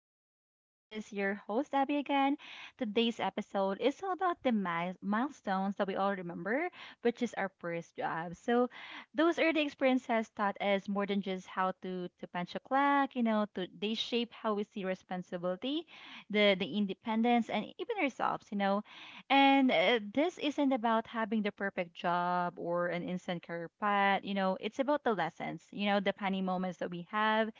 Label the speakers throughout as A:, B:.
A: This is your host, Abby, again. Today's episode is all about the milestones that we all remember, which is our first job. So, those early experiences taught us more than just how to punch a clock, they shape how we see responsibility, the independence, and even ourselves. And this isn't about having the perfect job or an instant career path. It's about the lessons, the funny moments that we have,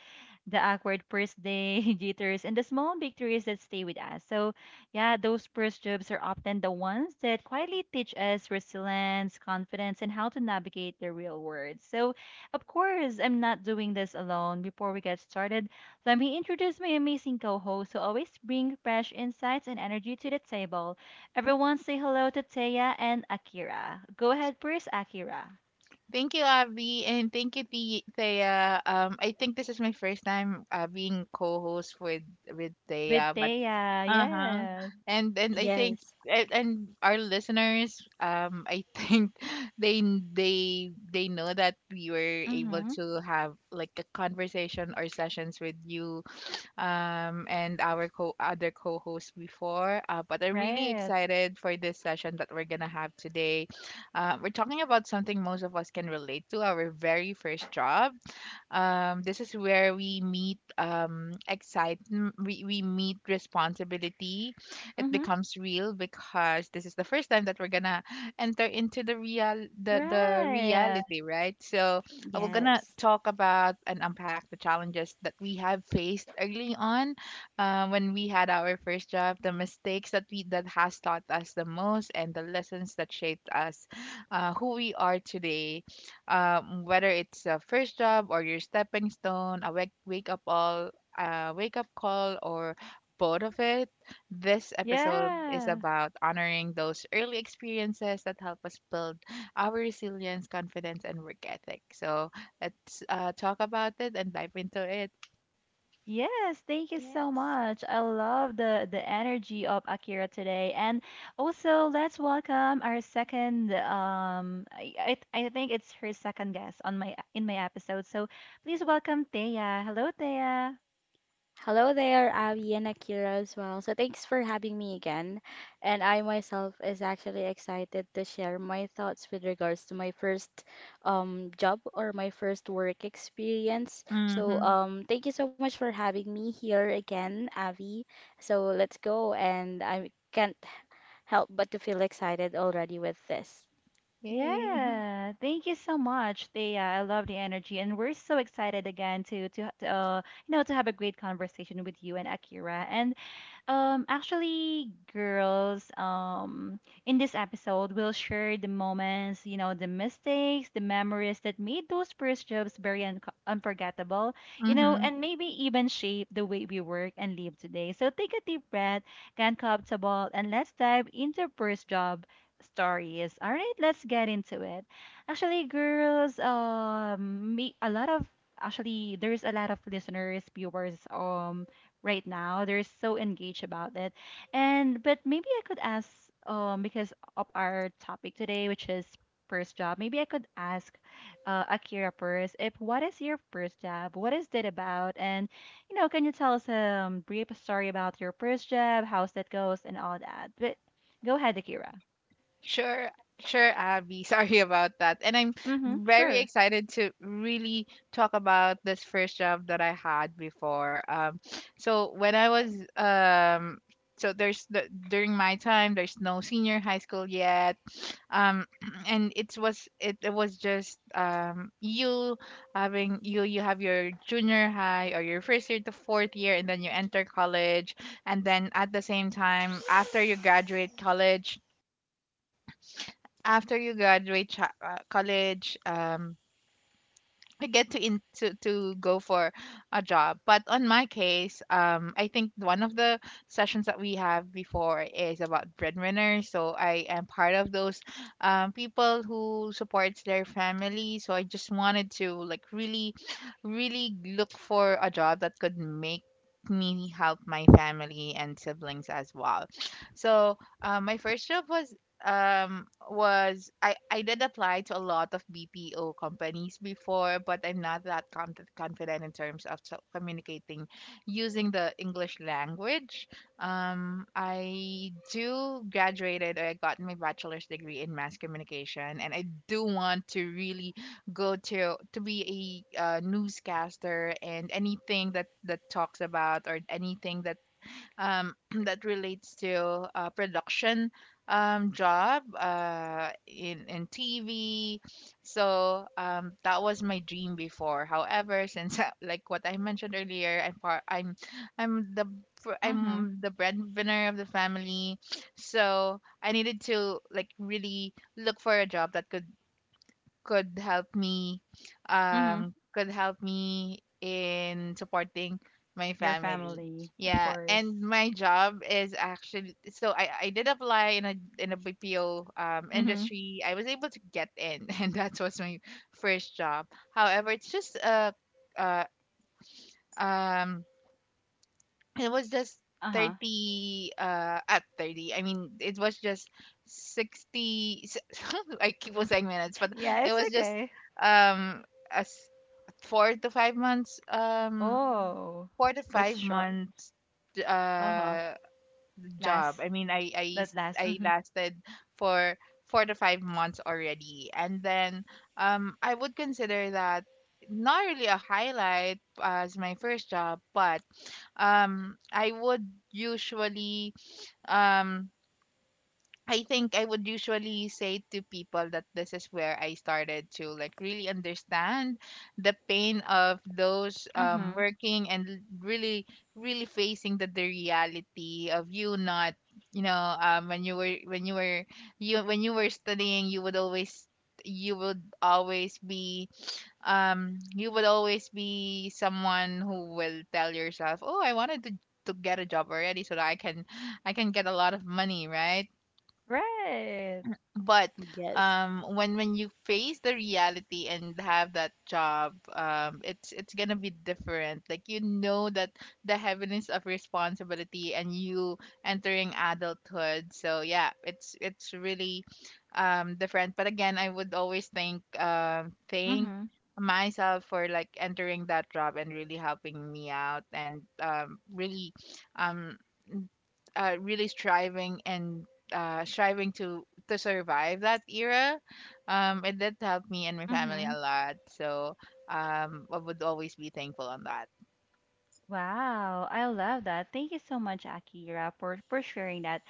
A: the awkward first day jitters and the small victories that stay with us. So, yeah, those first jobs are often the ones that quietly teach us resilience, confidence, and how to navigate the real world. So, of course, I'm not doing this alone. Before we get started, let me introduce my amazing co host who always bring fresh insights and energy to the table. Everyone, say hello to Teya and Akira. Go ahead first, Akira.
B: Thank you, Abby, and thank you, Thea. I think this is my first time being co-host with
A: With
B: Thea, but
A: Teya,
B: uh-huh.
A: yes.
B: And I think
C: Yes,
B: and our listeners, I think they they know that we were able
A: Mm-hmm.
B: to have like a conversation or sessions with you, and our other co-host before. But I'm really
A: Right.
B: excited for this session that we're gonna have today. We're talking about something most of us can relate to, our very first job. This is where we meet, excitement, we meet responsibility. It
A: Mm-hmm.
B: becomes real because this is the first time that we're gonna enter into the
A: Right.
B: reality, right? So we're gonna
C: yes,
B: talk about and unpack the challenges that we have faced early on, when we had our first job, the mistakes that we that has taught us the most, and the lessons that shaped us, who we are today. Whether it's a first job or your stepping stone, a wake up call, or both of it, this episode is
A: Yeah.
B: about honoring those early experiences that help us build our resilience, confidence, and work ethic. So let's talk about it and dive into it.
A: Yes, thank you so
C: yes.
A: much. I love the energy of Akira today. And also let's welcome our second I think it's her second guest on my episode. So please welcome Thea. Hello, Thea.
C: Hello there, Abby and Akira as well. So thanks for having me again. And I myself is actually excited to share my thoughts with regards to my first job or my first work experience. So
B: Mm-hmm.
C: thank you so much for having me here again, Abby. So let's go and I can't help but to feel excited already with this.
B: Yay.
A: Yeah, thank you so much, Thea. I love the energy, and we're so excited again to you know to have a great conversation with you and Akira. And actually, girls, in this episode, we'll share the moments, you know, the mistakes, the memories that made those first jobs very unforgettable, you know,
B: Mm-hmm.
A: and maybe even shape the way we work and live today. So take a deep breath, get comfortable, and let's dive into first job stories. All right, let's get into it. Actually, girls, um, me, a lot of Actually, there's a lot of listeners, viewers, right now. They're so engaged about it. And but maybe I could ask because of our topic today, which is first job, maybe I could ask Akira first if what is your first job? What is it about? And you know, can you tell us a brief story about your first job, how's that goes and all that? But go ahead, Akira.
B: Sure, sure, Abby. Sorry about that. And I'm
A: Mm-hmm.
B: very
A: Sure.
B: excited to really talk about this first job that I had before. So when I was, so during my time, there's no senior high school yet, um, and it was just you having, you have your junior high or your first year to fourth year, and then you enter college, and then at the same time after you graduate college, after you graduate cha- college I get to go for a job. But on my case, I think one of the sessions that we have before is about breadwinners. So I am part of those people who supports their family. So I just wanted to like really look for a job that could make me help my family and siblings as well. So my first job was— I did apply to a lot of BPO companies before, but I'm not that confident in terms of communicating using the English language. I do graduated, or I got my bachelor's degree in mass communication, and I do want to really go to be a, newscaster, and anything that talks about, or anything that um, that relates to production job, in TV. So, that was my dream before. However, since, like what I mentioned earlier, I'm part, I'm the fr-
A: Mm-hmm.
B: I'm the breadwinner of the family, so I needed to like really look for a job that could help me,
A: Mm-hmm.
B: could help me in supporting my
A: Your
B: family.
A: family, of
B: Yeah.
A: course.
B: And my job is actually, so I did apply in a bpo
A: Mm-hmm.
B: industry. I was able to get in, and that was my first job. However, it's just a— uh um it was just
A: Uh-huh.
B: 30, at 30, I mean, it was just 60. I keep on saying minutes, but
A: Yeah,
B: it
A: it's
B: was just,
A: okay.
B: um as 4 to 5 months,
A: Oh,
B: four to
A: that's
B: five
A: short.
B: months
A: Uh-huh.
B: uh job.
A: Last
B: I mean,
A: that last.
B: I
A: Hmm
B: lasted for 4 to 5 months already, and then, I would consider that not really a highlight as my first job, but um I would usually um I think I would usually say to people that this is where I started to like really understand the pain of those,
A: Mm-hmm.
B: working, and really, facing the reality of, you not, you know, when you were, when you were you when you were studying, you would always be you would always be someone who will tell yourself, oh, I wanted to, get a job already so that I can, get a lot of money, right?
A: Right.
B: But
C: Yes,
B: when you face the reality and have that job, it's, gonna be different. Like, you know, that the heaviness of responsibility and you entering adulthood. So yeah, it's really different. But again, I would always thank, thank
A: Mm-hmm.
B: myself for like entering that job and really helping me out, and really, um really striving, and striving to survive that era. It did help me and my family
A: Mm-hmm.
B: a lot. So, I would always be thankful on that.
A: Wow, I love that. Thank you so much, Akira, for sharing that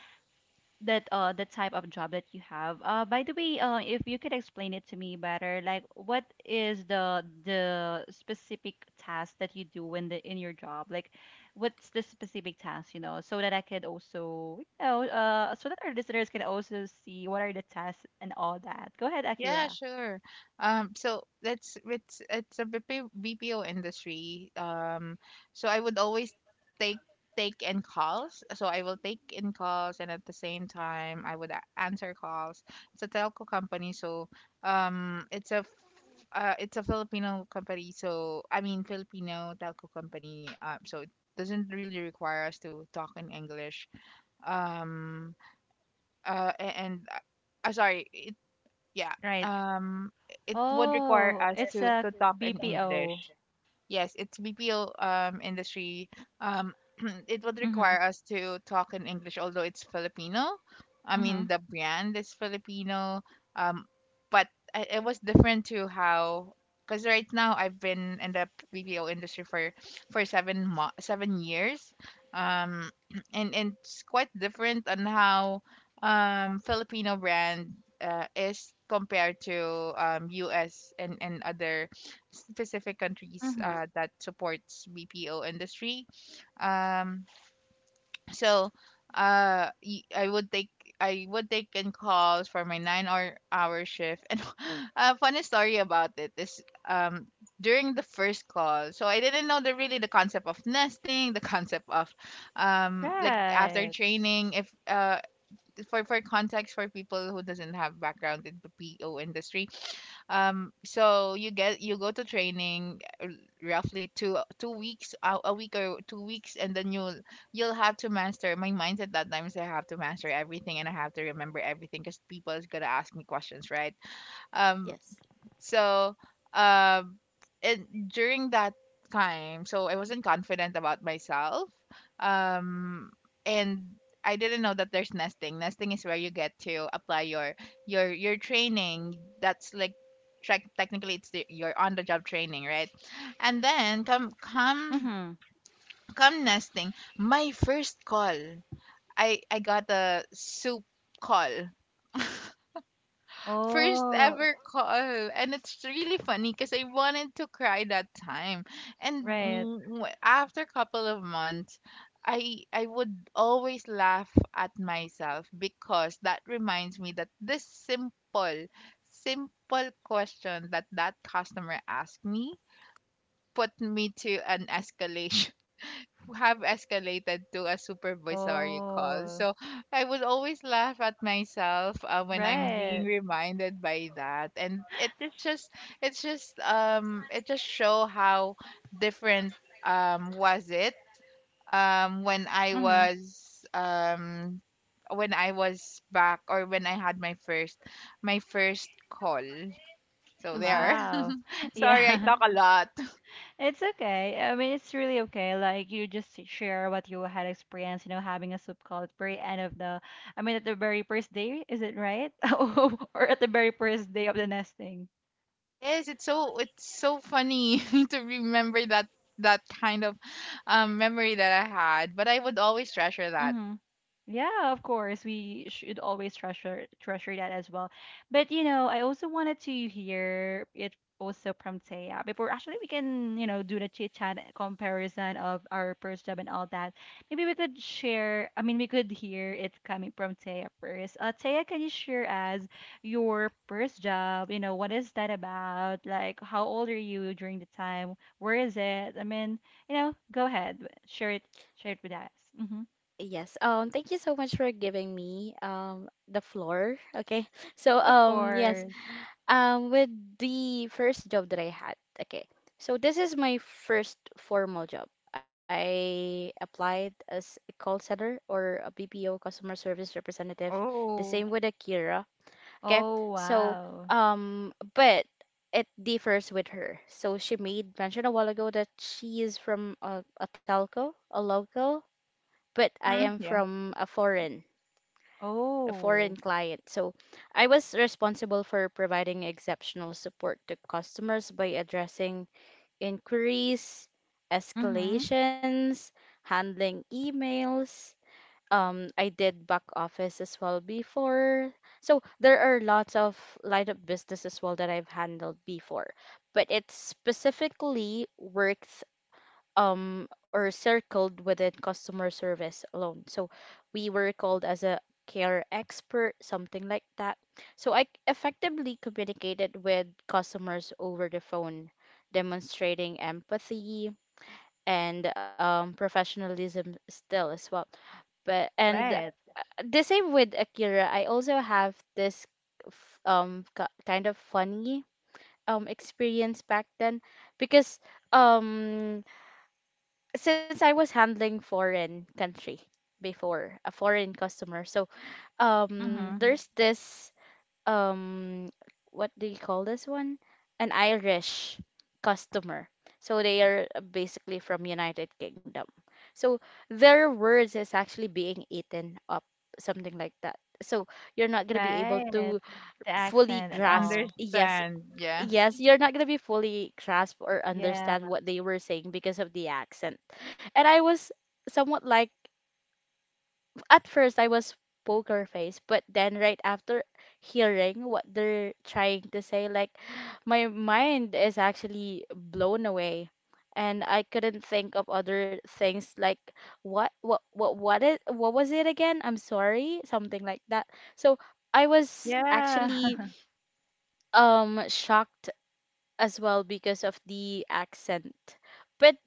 A: that the type of job that you have. By the way, if you could explain it to me better, like what is the specific task that you do in the in your job? Like, what's the specific task, you know, so that I could also, you know, so that our listeners can also see what are the tasks and all that. Go ahead,
B: Yeah,
A: Akira.
B: sure. So that's it's a BPO industry. So I would always take take in calls. So I will take in calls, and at the same time, I would answer calls. It's a telco company, so, it's a Filipino company. So I mean, Filipino telco company. So it doesn't really require us to talk in English. Um, a- and Sorry, yeah
A: Right.
B: um it would require
A: Oh,
B: us
A: it's as
B: to
A: a production
B: talk in
A: BPO.
B: English.
A: Assistant.
B: Yes, it's BPO industry. Um, it would
A: Mhm.
B: require us to talk in English, although it's Filipino. I mean,
A: Mhm.
B: the brand is Filipino. Um, but, it was different to how, because right now I've been in the BPO industry for 7 years. Um, and it's quite different on how Filipino brand is compared to US, and other specific countries
A: Mhm.
B: that supports BPO industry. Um, so, I would take, I would take in calls for my nine hour shift. And a funny story about it is, um, during the first call, so I didn't know the concept of nesting, the concept of, like after
A: Right.
B: training, if for context for people who doesn't have background in the PO industry. So you go to training, roughly two weeks, a week or 2 weeks, and then you'll have to master. My mindset that time is I have to master everything and I have to remember everything, because people is gonna ask me questions, right? Um,
C: yes.
B: so, um, and during that time, so I wasn't confident about myself. Um, and I didn't know that there's nesting. Nesting is where you get to apply your training. That's like technically, it's your on the job training, right? And then
A: Mhm.
B: come nesting. My first call, I got a soup call, first
A: Oh,
B: ever call, and it's really funny because I wanted to cry that time. And,
A: right.
B: after a couple of months, I would always laugh at myself, because that reminds me that this simple question that customer asked me put me to an escalation, have escalated to a supervisory call.
A: Oh,
B: So I would always laugh at myself, when I'm being
A: right.
B: reminded by that, and, it's just, it just show how different, was it, when I
A: Mhm.
B: was, when I was back, or when I had my first, call. So
C: Mhm.
B: there.
A: Wow.
B: Sorry, I
A: Yeah.
B: talk a lot.
A: It's okay. I mean, it's really okay. Like you just share what you had experienced, you know, having a soup call at the very end of the I mean at the very first day, is it right? Oh, or at the very first day of the nesting.
B: Yes, it's so funny to remember that kind of memory that I had, but I would always treasure that.
A: Mm-hmm. Yeah, of course. We should always treasure that as well. But you know, I also wanted to hear it also from Taya before actually we can, you know, do the chit chat comparison of our first job and all that. Maybe we could share, I mean, we could hear it coming from Taya first. Taya, can you share us your first job? You know, what is that about? Like, how old are you during the time? Where is it? I mean, you know, go ahead, share it, share it with us. Mm-hmm.
C: Yes. Thank you so much for giving me the floor. Okay. So
A: Of Mm.
C: yes.
A: course.
C: With the first job that I had. Okay. So this is my first formal job. I applied as a call center or a BPO customer service representative. The
B: Oh.
C: same with Akira. Okay.
A: Oh,
C: So
A: wow.
C: but it differs with her. So she made mention a while ago that she is from a telco, a local, but I
B: Mm-hmm.
C: am
B: Yeah.
C: from a
A: Mm,
C: foreign, a foreign
A: Oh.
C: client. So I was responsible for providing exceptional support to customers by addressing inquiries,
A: Mm-hmm.
C: escalations, handling emails. I did back office as well before. So there are lots of line of business as well that I've handled before, but it's specifically work or circled within customer service alone. So we were called as a care expert, something like that. So I effectively communicated with customers over the phone, demonstrating empathy and professionalism still as well. But and
A: Right. Right.
C: The same with Akira, I also have this kind of funny experience back then because um since I was handling foreign country before, a foreign customer. So,
A: Mm-hmm.
C: there's
A: Mm.
C: this um, what do you call this one? An Irish customer. So they are basically from United Kingdom. So their words is actually being eaten up, something like that. So you're not gonna be able
A: Right.
C: to
A: The
C: fully
A: accent and
C: grasp.
A: all.
C: Yes,
B: Understand. Yeah.
C: yes, you're not gonna be fully grasp or
A: Yeah.
C: understand what they were saying because of the accent. And I was somewhat like, at first, I was poker face, but then right after hearing what they're trying to say, like, my mind is actually blown away. And I couldn't think of other things like what was it again? I'm sorry, something like that. So I was
A: Yeah.
C: actually shocked as well because of the accent. But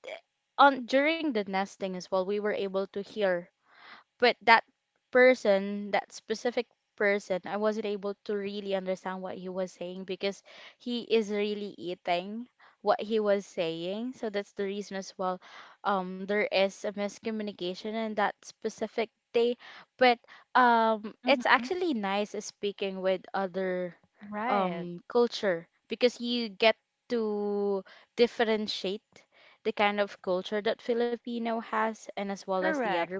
C: on during the nesting as well, we were able to hear, but that person, that specific person, I wasn't able to really understand what he was saying because he is really eating what he was saying. So that's the reason as well, there is a miscommunication in that specific day. But it's
A: Mm-hmm.
C: actually nice speaking with other
A: Right.
C: culture because you get to differentiate the kind of culture that Filipino has and as well as the
A: Correct.
C: other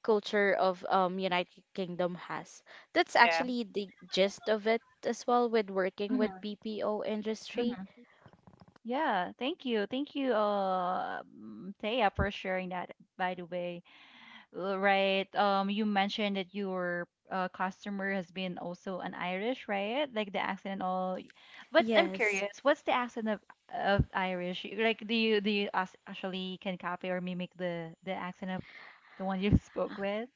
C: culture of United Kingdom has. That's
B: Yeah.
C: actually the gist of it as well with working with
A: Mm-hmm.
C: BPO industry.
A: Mm-hmm. Yeah. Thank you. Thank you, Thea, for sharing that, by the way. Right. You mentioned that your customer has been also an Irish, right? Like the accent and all. Y- But I'm
C: Yes.
A: curious, what's the accent of Irish? Y- Like, do you actually can copy or mimic the accent of the one you spoke with?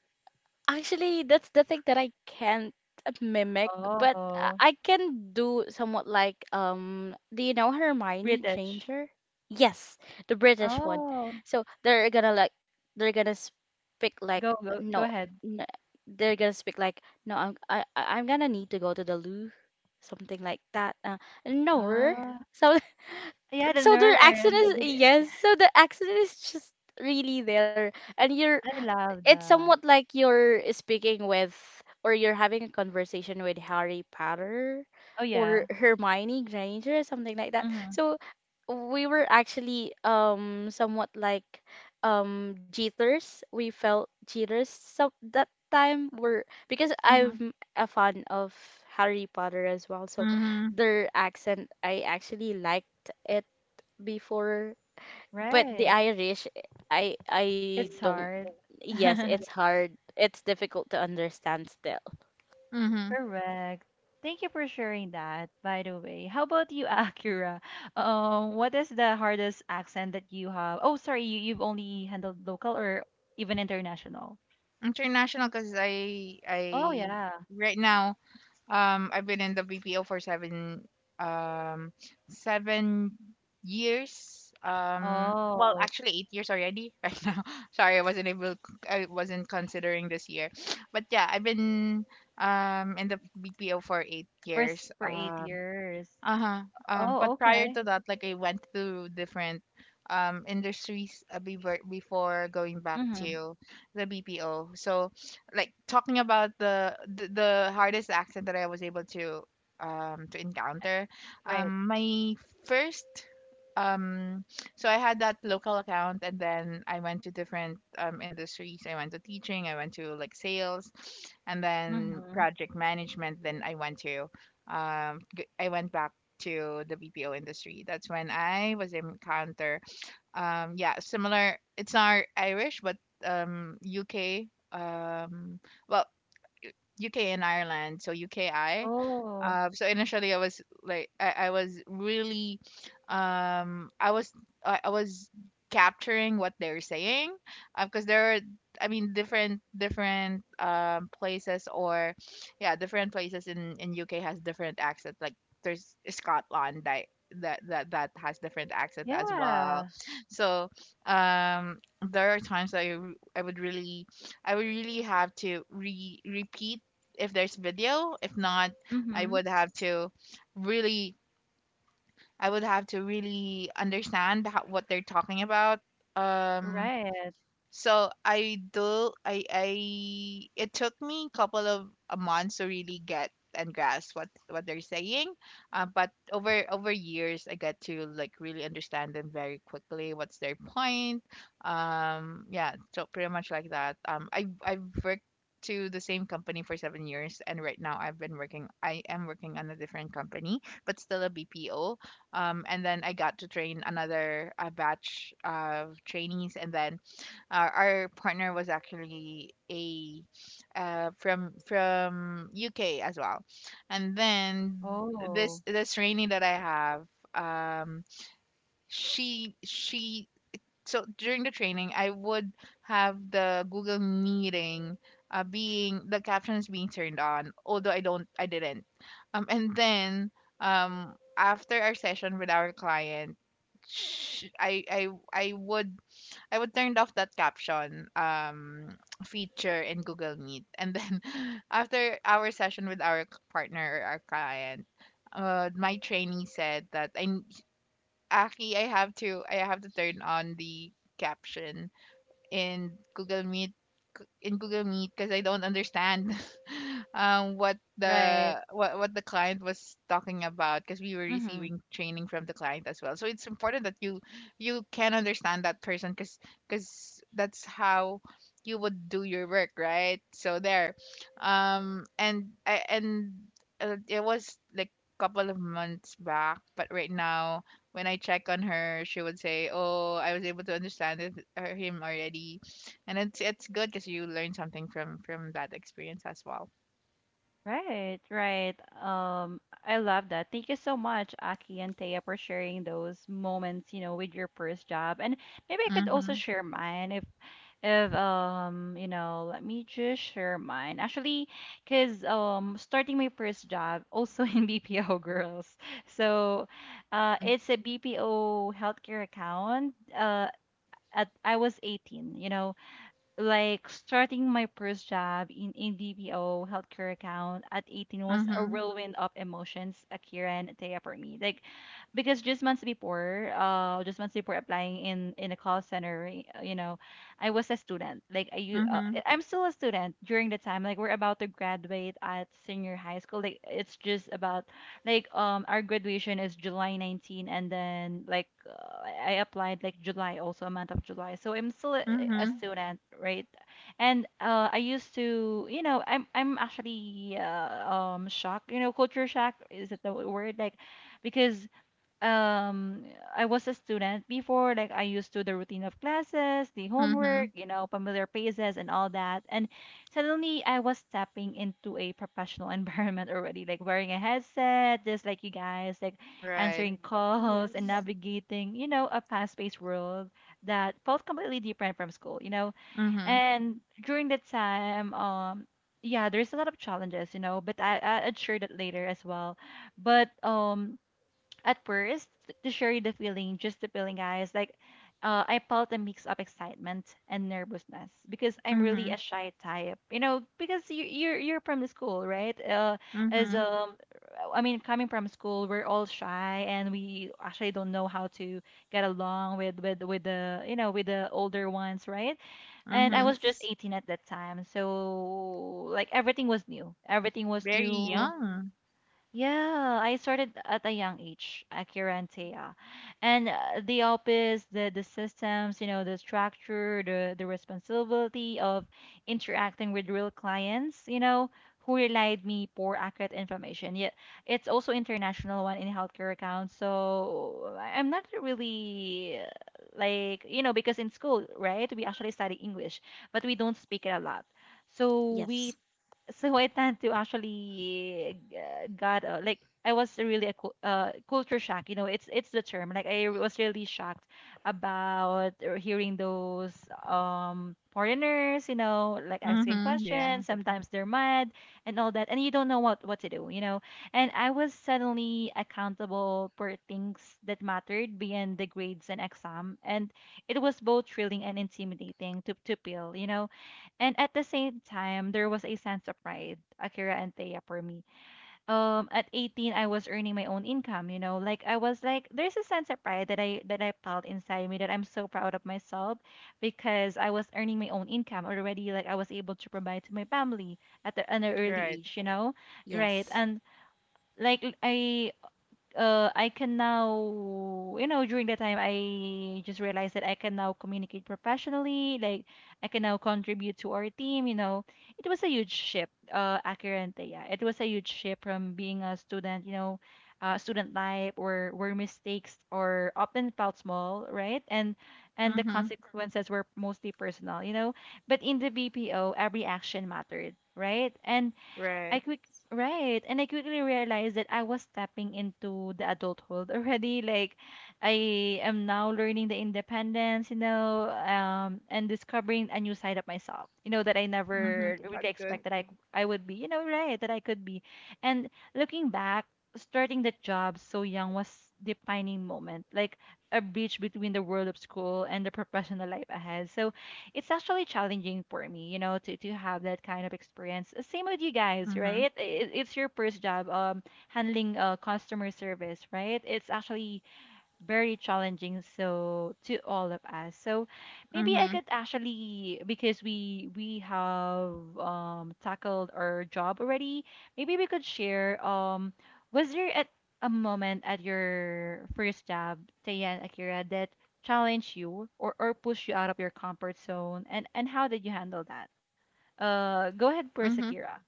C: Actually, that's the thing that I can't mimic, but
A: Oh,
C: I can do somewhat like do you know Hermione
A: British.
C: Granger? Yes, the British one.
A: Oh,
C: So they're gonna like they're gonna speak like
A: go
C: no,
A: ahead.
C: no they're gonna speak like no, I'm gonna need to go to the loo, something like that. No, er."
A: Ah,
C: So
A: yeah, the
C: so their accent
A: nerd.
C: is,
A: The,
C: yes, so the accent is just really there, and you're
A: I love
C: it's somewhat
A: that.
C: like you're speaking with or you're having a conversation with Harry Potter
A: Oh yeah.
C: or Hermione Granger or something like that.
A: Mhm.
C: So we were actually somewhat like jitters. We felt jitters so that time were because
A: Mhm.
C: I'm a fan of Harry Potter as well. So
B: Mm-hmm.
C: their accent I actually liked it before, but the
A: Right.
C: Irish, I
A: It's
C: don't.
A: hard.
C: Yes, it's hard. It's difficult to understand still.
B: Mm-hmm.
A: Correct. Thank you for sharing that, by the way. How about you, Akira? What is the hardest accent that you have? Oh, sorry, you, you've only handled local or even international?
B: International, because I
A: Oh, yeah.
B: right now, I've been in the BPO for um 7 years. Well,
A: Oh,
B: actually 8 years already right now. Sorry, I wasn't able. I wasn't considering this year, but yeah, I've been in the BPO for eight
A: for, s-
B: years.
A: for eight years.
B: Uh-huh.
A: Oh,
B: But prior
A: okay.
B: to that, like I went through different industries, before going back
A: Mm-hmm.
B: to the BPO. So, like talking about the hardest accent that I was able to encounter,
A: Right.
B: my first um so I had that local account, and then I went to different industries. I went to teaching, I went to like sales, and then
A: Mm-hmm.
B: project management, then I went to, I went back to the BPO industry. That's when I was encounter, yeah, similar, it's not Irish, but UK. um well, UK and Ireland, so UKI.
A: Oh,
B: So initially, I was like, I was really, um, I was, I was capturing what they're saying, because there are, I mean, different places, or, yeah, different places in UK has different accents. Like, there's Scotland that that has different accent as well.
A: yeah.
B: So um, there are times that, I would really, have to re repeat if there's video. If not, I
A: Mm-hmm.
B: would have to really I would have to really understand what they're talking about. Um
A: Right.
B: so I do I It took me a couple of months to really get and grasp what they're saying. But over years I got to like really understand them very quickly. What's their point? Yeah, so pretty much like that. I I've worked to the same company for 7 years, and right now I am working on a different company, but still a BPO, and then I got to train another batch of trainees. And then our partner was actually a from UK as well, and then this
A: Oh,
B: this training that I have, um, she so during the training I would have the Google meeting being the captions being turned on, although I didn't, and then after our session with our client, sh I would turn off that caption feature in Google Meet, and then after our session with our partner or our client, my trainee said that Aki, I have to turn on the captions in Google Meet in Google Meet because I don't understand what
A: right.
B: the what the client was talking about, because we were
A: Mm-hmm.
B: receiving training from the client as well. So it's important that you can understand that person, because that's how you would do your work, right? So there, and I and it was like couple of months back, but right now when I check on her, she would say, "Oh, I was able to understand it, her, him already," and it's good because you learn something from that experience as well.
A: Right, right. I love that. Thank you so much, Aki and Taya, for sharing those moments, you know, with your first job. And maybe I could also
B: Mhm.
A: share mine if you know, let me just share mine. Actually, cause starting my first job also in BPO girls. So,
B: Mm.
A: it's a BPO healthcare account. At I was 18, you know, like starting my first job in a BPO healthcare account at 18 was a
B: Mhm.
A: whirlwind of emotions, Akira and Taya for me. Like because just months before applying in a call center, you know, I was a student.
B: Mhm.
A: I'm still a student during the time. Like we're about to graduate at senior high school. Like it's just about like our graduation is July 19 and then like I applied like July also a month of July so I'm still a
B: Mhm.
A: student right and I used to you know I'm actually shocked you know culture shock is it the word like because um I was a student before, like I used to the routine of classes, the homework,
B: Mhm.
A: you know, familiar faces and all that. And suddenly I was stepping into a professional environment already, like wearing a headset, just like you guys, like
B: Right.
A: answering calls and
C: Yes.
A: navigating, you know, a fast-paced world that felt completely different from school, you know.
B: Mhm.
A: And during that time, yeah, there's a lot of challenges, you know, but I'd share that later as well. But at first, to share you the feeling, just the feeling, guys, like I felt a mix of excitement and nervousness because I'm really
B: Mhm.
A: a shy type, you know, because you, you're from the school, right? As
B: Mhm.
A: I mean, coming from school, we're all shy and we actually don't know how to get along with the you know with the older ones, right? And I
B: Mhm.
A: was just
C: Yes.
A: 18 at that time, so like everything was new. Everything
B: Very
A: was new.
B: young.
A: Yeah, I started at a young age, Akira and Taya. And the office, the systems, you know, the structure, the responsibility of interacting with real clients, you know, who relied me for accurate information. Yet it's also international one in healthcare accounts. So I'm not really like, you know, because in school, right, we actually study English, but we don't speak it a lot. So
C: Yes.
A: we so I tend to actually got like I was really a culture shock. You know, it's the term. Like I was really shocked about hearing those foreigners. You know, like asking
B: Mhm. Yeah.
A: questions. Sometimes they're mad and all that, and you don't know what to do. You know, and I was suddenly accountable for things that mattered beyond the grades and exam, and it was both thrilling and intimidating to peel. You know and at the same time, there was a sense of pride, Akira and Thea for me.
B: Mhm.
A: At 18, I was earning my own income, you know, like I was like, there's a sense of pride that I felt inside me that I'm so proud of myself because I was earning my own income already. Like I was able to provide to my family at the, an
B: Right.
A: early age, you know, right?
C: Yes.
A: And like I can now, you know, during that time, I just realized that I can now communicate professionally. Like, I can now contribute to our team. You know, it was a huge shift, Acurante, yeah. It was a huge shift from being a student, you know, student life where mistakes or often felt small, right? And the
B: Mhm.
A: consequences were mostly personal, you know. But in the BPO, every action mattered, right? And
B: Right.
A: I quick right, and I quickly realized that I was stepping into the adulthood already. Like I am now learning the independence, and discovering a new side of myself. You know that I
B: Mhm.
A: never really
B: That's good.
A: expected I would be. You know, right, that I could be. And looking back. Starting the job so young was defining moment, like a bridge between the world of school and the professional life ahead. So it's actually challenging for me, to have that kind of experience. Same with you guys,
B: Mhm.
A: right? It's your first job, handling customer service, right? It's actually very challenging so to all of us so maybe I
B: Mhm.
A: could actually because we have tackled our job already, maybe we could share, was there at a moment at your first job, Tayan Akira, that challenged you or pushed you out of your comfort zone, and how did you handle that? uh
B: Mhm.
A: go ahead first, Akira.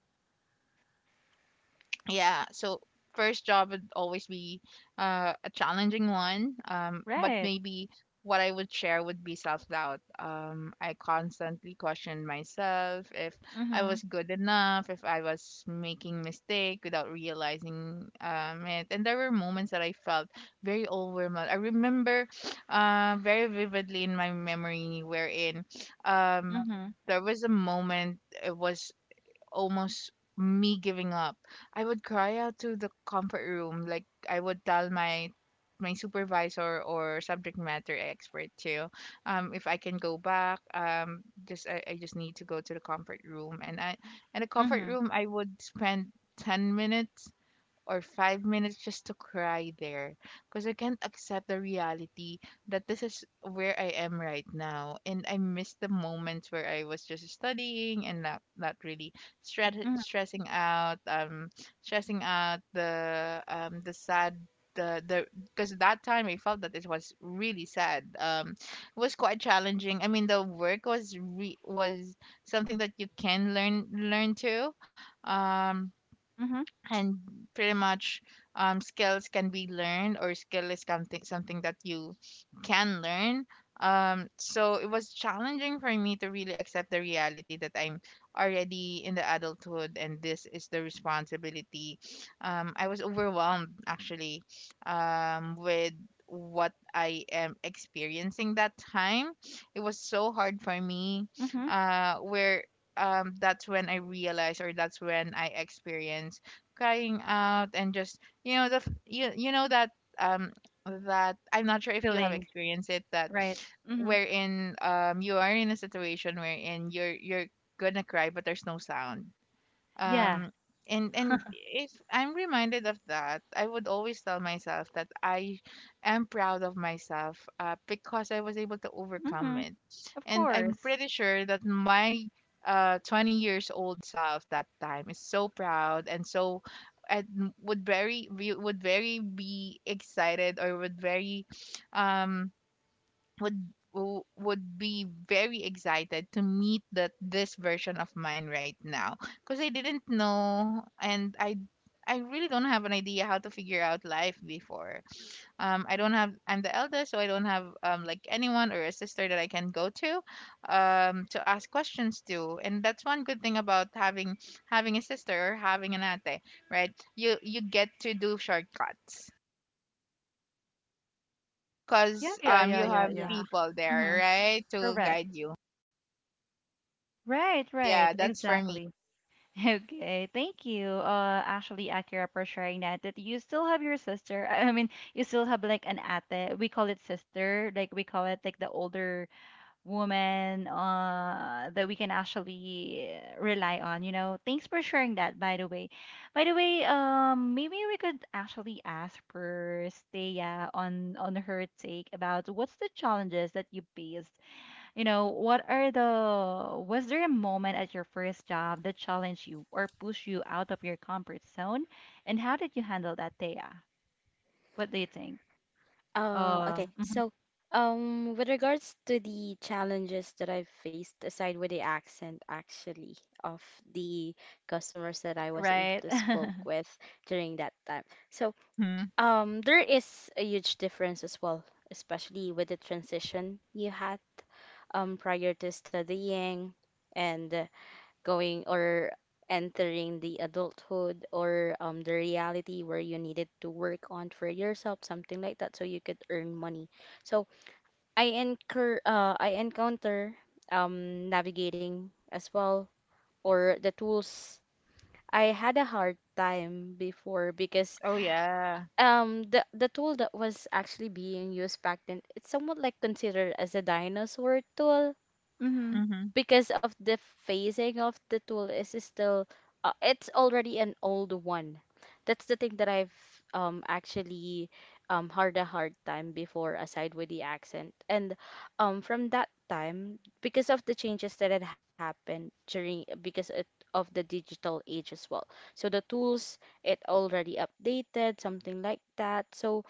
B: Yeah, so first job would always be a challenging one, but
A: Right.
B: maybe what I would share would be self-doubt. I constantly questioned myself if I
A: Mhm.
B: was good enough, if I was making mistake without realizing it. And there were moments that I felt very overwhelmed. I remember very vividly in my memory wherein um,
A: Mhm.
B: there was a moment. It was almost me giving up. I would cry out to the comfort room. Like I would tell my supervisor or subject matter expert too. If I can go back, just I just need to go to the comfort room. And I in the comfort
A: Mhm.
B: room I would spend 10 minutes or 5 minutes just to cry there, because I can't accept the reality that this is where I am right now. And I miss the moments where I was just studying and not really stress,
A: Mhm. Mhm.
B: stressing out, um, stressing out the sad the because that time I felt that it was really sad. It was quite challenging. I mean, the work was something that you can learn to. Um,
A: Mhm.
B: and Pretty much skills can be learned, or skill is something that you can learn. So it was challenging for me to really accept the reality that I'm already in the adulthood, and this is the responsibility. I was overwhelmed actually with what I am experiencing that time. It was so hard for me
A: Mhm.
B: where that's when I realized, or that's when I experienced crying out. And just you know you, you know that um that I'm not sure if you have
A: Feeling.
B: experienced it, that
A: Right. Mhm.
B: wherein you are in a situation wherein you're gonna cry but there's no sound.
A: Yeah.
B: um and if I'm reminded of that, I would always tell myself that I am proud of myself, because I was able to overcome
A: Mhm.
B: it.
A: Of
B: And I'm
A: course.
B: pretty sure that my 20 years old self that time is so proud. And so and would very be excited or would very um would w- would be very excited to meet that this version of mine right now, because I didn't know, and I really don't have an idea how to figure out life before. I don't have I'm the eldest, so I don't have like anyone or a sister that I can go to ask questions to. And that's one good thing about having a sister or having an ate, right? You get to do shortcuts
A: Yeah,
B: because
A: yeah, yeah,
B: you
A: yeah,
B: have
A: yeah.
C: Yeah.
B: people there,
A: Mhm.
B: right, to
A: Correct.
B: guide you.
A: Right,
B: So
A: right,
B: yeah, that's for me.
A: exactly. Okay, thank you. Actually, Akira, for sharing that. That you still have your sister. I mean, you still have like an ate. We call it sister. Like we call it like the older woman that we can actually rely on, you know. Thanks for sharing that by the way. Maybe we could actually ask for Steya on her take about what's the challenges that you faced, you know, what are the, was there a moment at your first job that challenged you or pushed you out of your comfort zone and how did you handle that, Thea? What do you think?
C: Okay.
A: Mhm.
C: So, with regards to the challenges that I've faced, aside with the accent, actually, of the customers that I was able
A: Right.
C: to spoke with during that time. So,
B: Mhm.
C: there is a huge difference as well, especially with the transition you had prior to studying and going or entering the adulthood or the reality where you needed to work on for yourself, something like that, so you could earn money. So I encounter navigating as well or the tools. I had a hard time before because
B: Oh yeah.
C: the tool that was actually being used back then it's somewhat like considered as a dinosaur tool
A: Mhm.
B: Mhm.
C: because of the phasing of the tool is still it's already an old one. That's the thing that I've actually had a hard time before, aside with the accent. And from that time, because of the changes that had happened during, because it, of the digital age as well, so the tools it already updated, something like that. So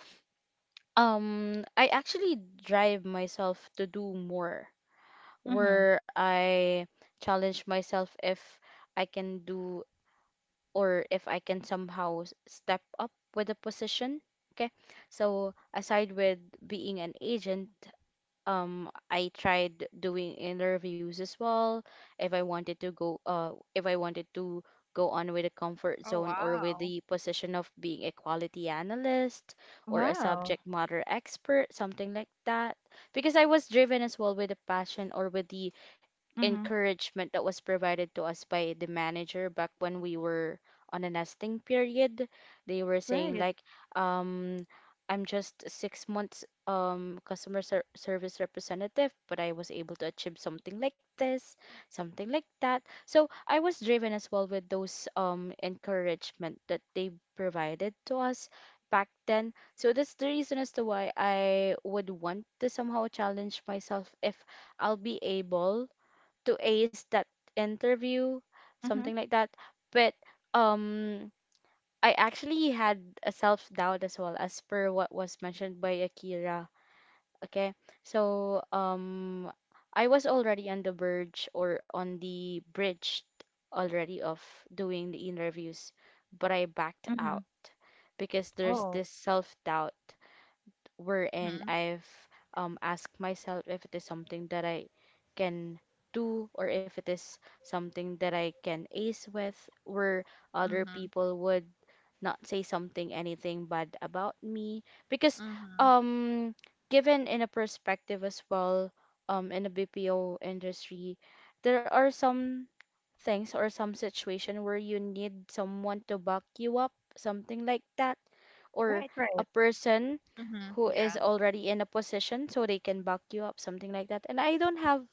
C: I actually drive myself to do more,
A: Mhm.
C: where I challenge myself if I can do or if I can somehow step up with a position. Okay. So aside with being an agent, I tried doing interviews as well. If I wanted to go, If I wanted to go on with the comfort
B: Oh
C: zone or with
B: wow.
C: the position of being a quality analyst or a
A: Wow.
C: subject matter expert, something like that, because I was driven as well with the passion or with the
A: Mhm.
C: encouragement that was provided to us by the manager back when we were on a nesting period. They were saying
A: Right.
C: like, um, I'm just 6 months customer service representative, but I was able to achieve something like this, something like that. So I was driven as well with those encouragement that they provided to us back then. So that's the reason as to why I would want to somehow challenge myself if I'll be able to ace that interview,
A: Mhm.
C: something like that. But um, I actually had a self doubt as well, as per what was mentioned by Akira. Okay, so I was already on the verge or on the bridge already of doing the interviews, but I backed out
A: Mhm.
C: because there's
A: Oh.
C: this self doubt
B: Mhm.
C: wherein I've asked myself if it is something that I can do or if it is something that I can ace with, where other
B: Mhm.
C: people would not say something anything bad about me because
B: Mhm.
C: um given in a perspective as well in the BPO industry, there are some things or some situation where you need someone to back you up, something like that, or
A: Right,
C: a
A: right.
C: person
B: Mhm.
C: who
B: Yeah.
C: is already in a position so they can back you up, something like that. And I don't have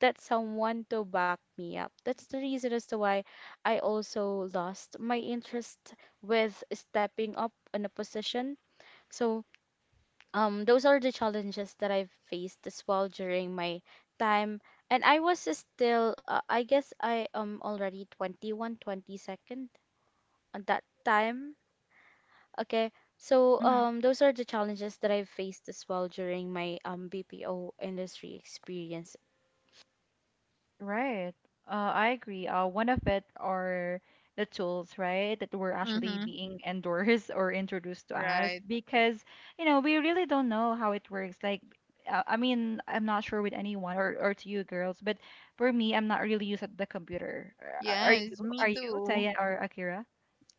C: that someone to back me up. That's the reason as to why I also lost my interest with stepping up in a position. So, those are the challenges that I've faced as well during my time. And I was still, I guess I am already 21, twenty second 22nd at that time. Okay, so
A: Mhm.
C: those are the challenges that I've faced as well during my BPO industry experience.
A: Right. I agree. One of it are the tools, right, that were actually
B: Mhm.
A: being endorsed or introduced to us
B: Right.
A: because, you know, we really don't know how it works. Like, I mean, I'm not sure with anyone or to you girls, but for me, I'm not really used at the computer. Are you?
B: Yes, me
A: Are you,
B: too.
A: Taya or Akira?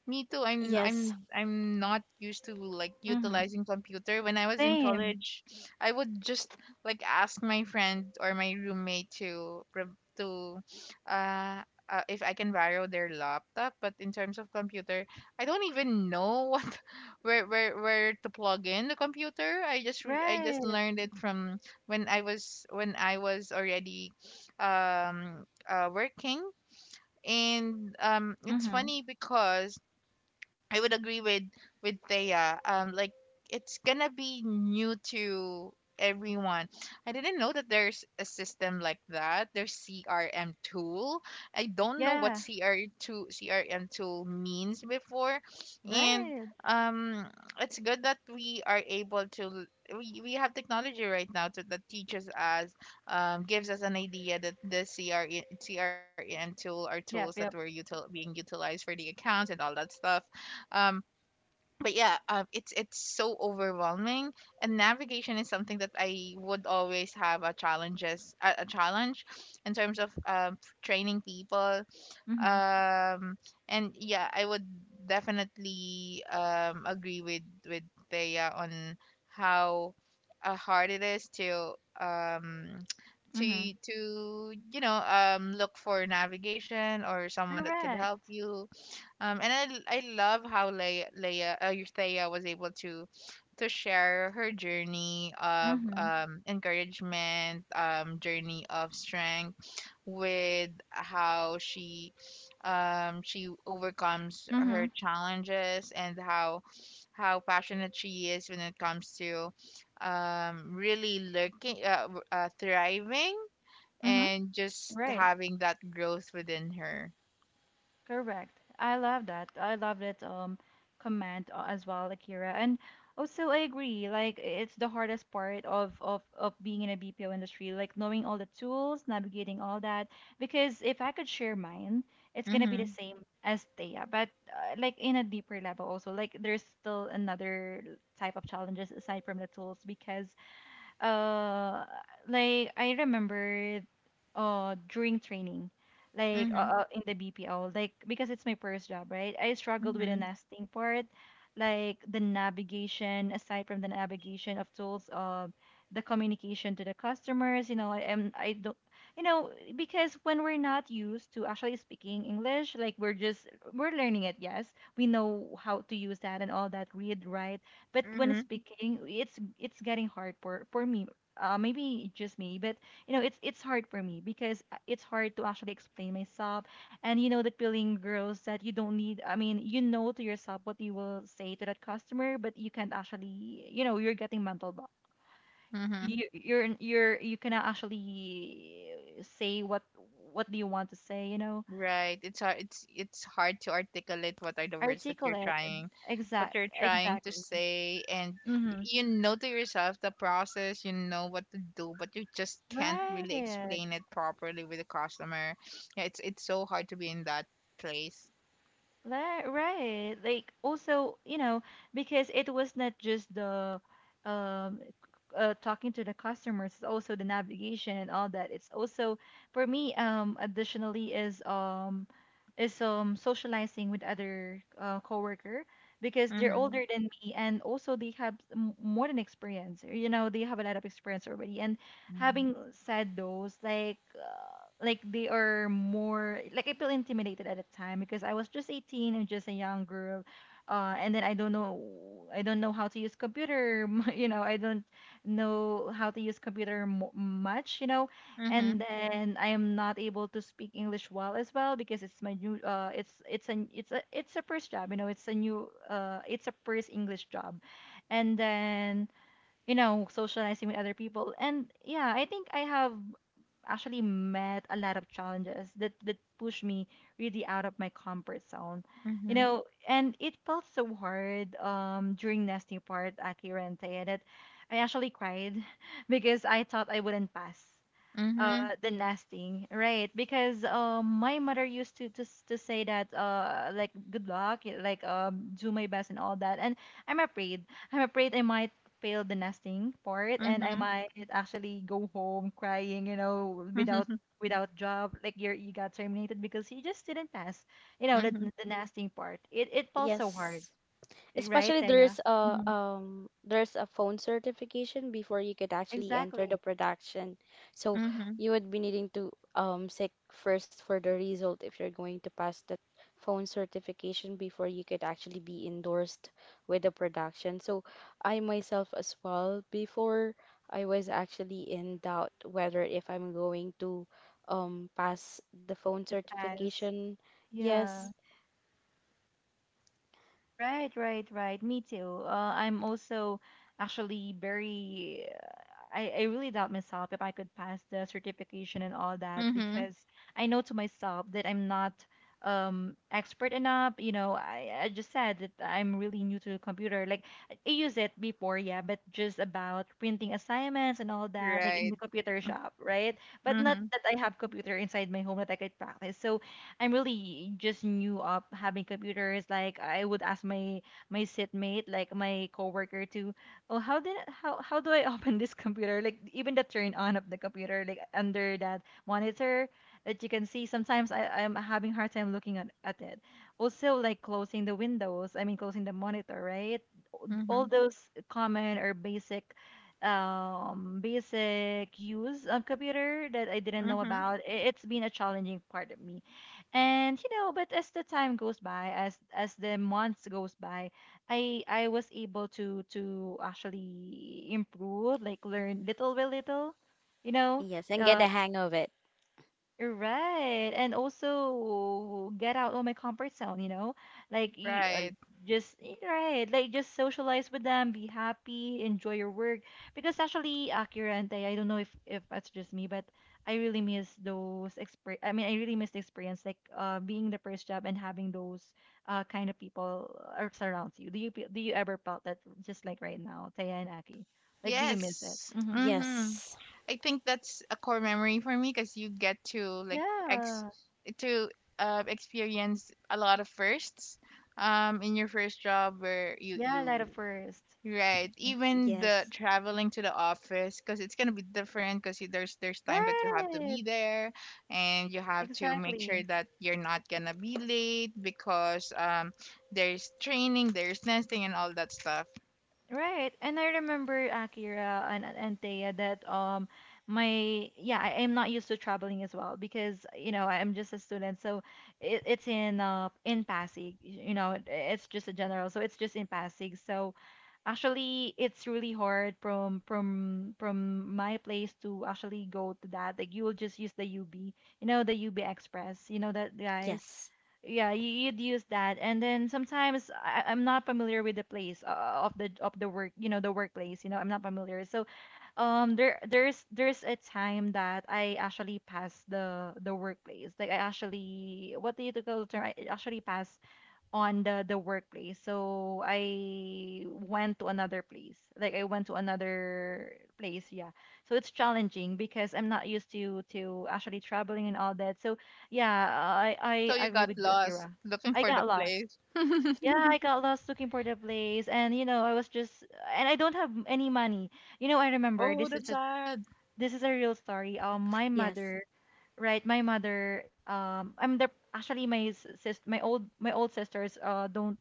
B: Me too. I'm
C: Yes,
B: I'm I'm not used to like
A: Mm-hmm.
B: utilizing computer. When I was in
A: Same.
B: college, I would just like ask my friend or my roommate to to uh, if I can borrow their laptop. But in terms of computer, I don't even know where where to plug in the computer. I just
A: Right.
B: learned it from when I was already working. And it's
A: Mm-hmm.
B: funny because I would agree with Thea. Like it's gonna be new to everyone. I didn't know that there's a system like that. There's CRM tool. I don't know what
A: Yeah.
B: CR two CRM tool means before, and
A: Right.
B: um, it's good that we are able to. We have technology right now to, that teaches us, gives us an idea that the CRM tool are tools that
A: Yep,
B: were
A: yep.
B: being utilized for the accounts and all that stuff. um, but yeah, it's so overwhelming, and navigation is something that I would always have a challenge in terms of training people.
A: Mm-hmm.
B: Um, and yeah, I would definitely agree with Thea on how hard it is to um,
A: Mhm.
B: to you know look for navigation or someone that can
A: Correct.
B: help you. And I love how Leia Leia Euthaya was able to share her journey of
A: Mhm.
B: encouragement, journey of strength, with how she overcomes her
A: Mhm.
B: challenges, and how passionate she is when it comes to really looking thriving
A: Mhm.
B: and just
A: Right,
B: having that growth within her.
A: correct. I love that. I love that comment, as well, Akira. And also I agree, like it's the hardest part of of being in a BPO industry, like knowing all the tools, navigating all that. Because if I could share mine, it's gonna be the
B: Mhm.
A: same as Thea, but like in a deeper level also. Like there's still another type of challenges aside from the tools because uh like I remember during training like
B: Mhm.
A: in the BPO like because it's my first job, right? I struggled with the
B: Mhm.
A: nesting part, like the navigation aside from the navigation of tools, the communication to the customers. You know, I don't, you know, because when we're not used to actually speaking English, like we're just, we're learning it, yes, we know how to use that and all that, read, write, but when
B: Mm-hmm.
A: speaking it's getting hard for me. Maybe just me, but you know, it's hard for me because it's hard to actually explain myself. And you know that feeling, girls, that you don't need, I mean, you know to yourself what you will say to that customer, but you can't actually, you know, you're getting mental block.
B: Mm-hmm.
A: You you cannot actually say what do you want to say, you know.
B: Right. It's hard. It's hard to articulate what are the words that you're
A: Articulate.
B: trying, what
A: Exact
B: you're trying to say. And
A: Mm-hmm.
B: you know to yourself the process. You know what to do, but you just can't really
A: Right.
B: explain it properly with the customer. Yeah, it's so hard to be in that place.
A: That, right. Like also, you know, because it was not just the um c- talking to the customers, it's also the navigation and all that. It's also for me additionally is socializing with other coworker because they're
B: Mm-hmm.
A: older than me and also they have more than experience. You know, they have a lot of experience already. And Having said those, like they are more, like I feel intimidated at the time because I was just 18 and just a young girl. And then I don't know how to use computer. You know, I don't know how to use computer mo much. You know,
B: Mm-hmm.
A: and then I am not able to speak English well as well because it's my new it's an it's a first job. You know, it's a new, it's a first English job. And then, you know, socializing with other people. And yeah, I think I have actually met a lot of challenges that push me really out of my comfort zone. You
B: Mm-hmm.
A: know, and it felt so hard during nesting part, Akira and Taya, that I actually cried because I thought I wouldn't pass
B: Mm-hmm.
A: the nesting, right? Because my mother used to to say that like good luck, like do my best and all that, and i'm afraid I'm afraid I might fail the nesting part, and I
B: Mm-hmm.
A: might actually go home crying, you know, without
B: Mm-hmm.
A: without job, like you're, you got terminated because you just didn't pass, you know, the,
B: Mm-hmm.
A: the nesting part. It falls so
C: yes.
A: hard, right,
C: Especially
A: Taya? Hmm.
C: there's a phone certification before you could actually enter the
A: Exactly.
C: production. So
B: Mm-hmm.
C: you would be needing to seek first for the result if you're going to pass that phone certification before you could actually be endorsed with the production. So I myself as well before I was actually in doubt whether if I'm going to pass the phone
A: To pass.
C: certification.
A: Yeah.
C: Yes.
A: Right, right, right. Me too. I'm also actually very. I really doubt myself if I could pass the certification and all that
B: Mm-hmm.
A: because I know to myself that I'm not expert enough. You know, I just said that I'm really new to the computer. Like I use it before, yeah, but just about printing assignments and all that, like in
B: Right.
A: the computer shop, right? But not
B: Mm-hmm.
A: that I have computer inside my home that I could practice. So I'm really just new up having computers. Like I would ask my sitmate, like my coworker, to, oh, how did, how do I open this computer? Like even the turn on of the computer, like under that monitor that you can see. Sometimes I'm having hard time looking at it. Also like closing the windows. I mean closing the monitor, right?
B: Mm-hmm.
A: All those common or basic use of computer that I didn't know
B: Mm-hmm.
A: about. It's been a challenging part of me. And you know, but as the time goes by, as the months goes by, I was able to actually improve, like learn little by little, you know.
C: Yes, and get
A: Uh,
C: the hang of it.
A: Right. And also get out of my comfort zone, you know? Like
C: Yeah.
B: Right.
A: right, like just socialize with them, be happy, enjoy your work. Because actually Akira and Tay, I don't know if that's just me, but I really miss those experience. I mean, I really miss the experience like being the first job and having those kind of people surround you. Do you ever felt that just like right now, Taya and Aki? Like do you miss it?
B: Yes.
A: Hmm.
B: Mm-hmm.
C: Yes.
B: I think that's a core memory for me because you get to like ex
A: Yeah.
B: to experience a lot of firsts in your first job where
A: Yeah,
B: you
A: light of first.
B: right, even the
C: Yes,
B: traveling to the office, because it's gonna be different. Because there's time that you have to
A: Right.
B: be there, and you have to make sure
A: Exactly.
B: that you're not gonna be late, because there's training, there's nesting and all that stuff.
A: Right. And I remember Akira and Thea that my yeah, I am not used to traveling as well because you know, I'm just a student. So it, it's in Pasig, you know, it's just a general. So it's just in Pasig. So actually it's really hard from my place to actually go to that. Like you will just use the UB, you know, the UB Express, you know that guys.
C: yes,
A: Yeah, you'd use that. And then sometimes I'm not familiar with the place, of the work, you know, the workplace, you know, I'm not familiar. So there's a time that I actually passed the workplace, like I actually, what do you call the term, I actually passed on the workplace. So I went to another place. Like I went to another place, yeah. So it's challenging because I'm not used to actually traveling and all that. So yeah, I
B: So
A: I, I
B: you
A: agree
B: got
A: with you,
B: lost
A: Akira.
B: looking
A: I
B: for the
A: got lost.
B: place.
A: Yeah, I got lost looking for the place, and you know, I was just, and I don't have any money. You know, I remember
B: Oh,
A: this is
B: that's
A: a,
B: sad.
A: this is a real story. My
C: yes.
A: mother, right? My mother I'm the, actually my sis my old sisters don't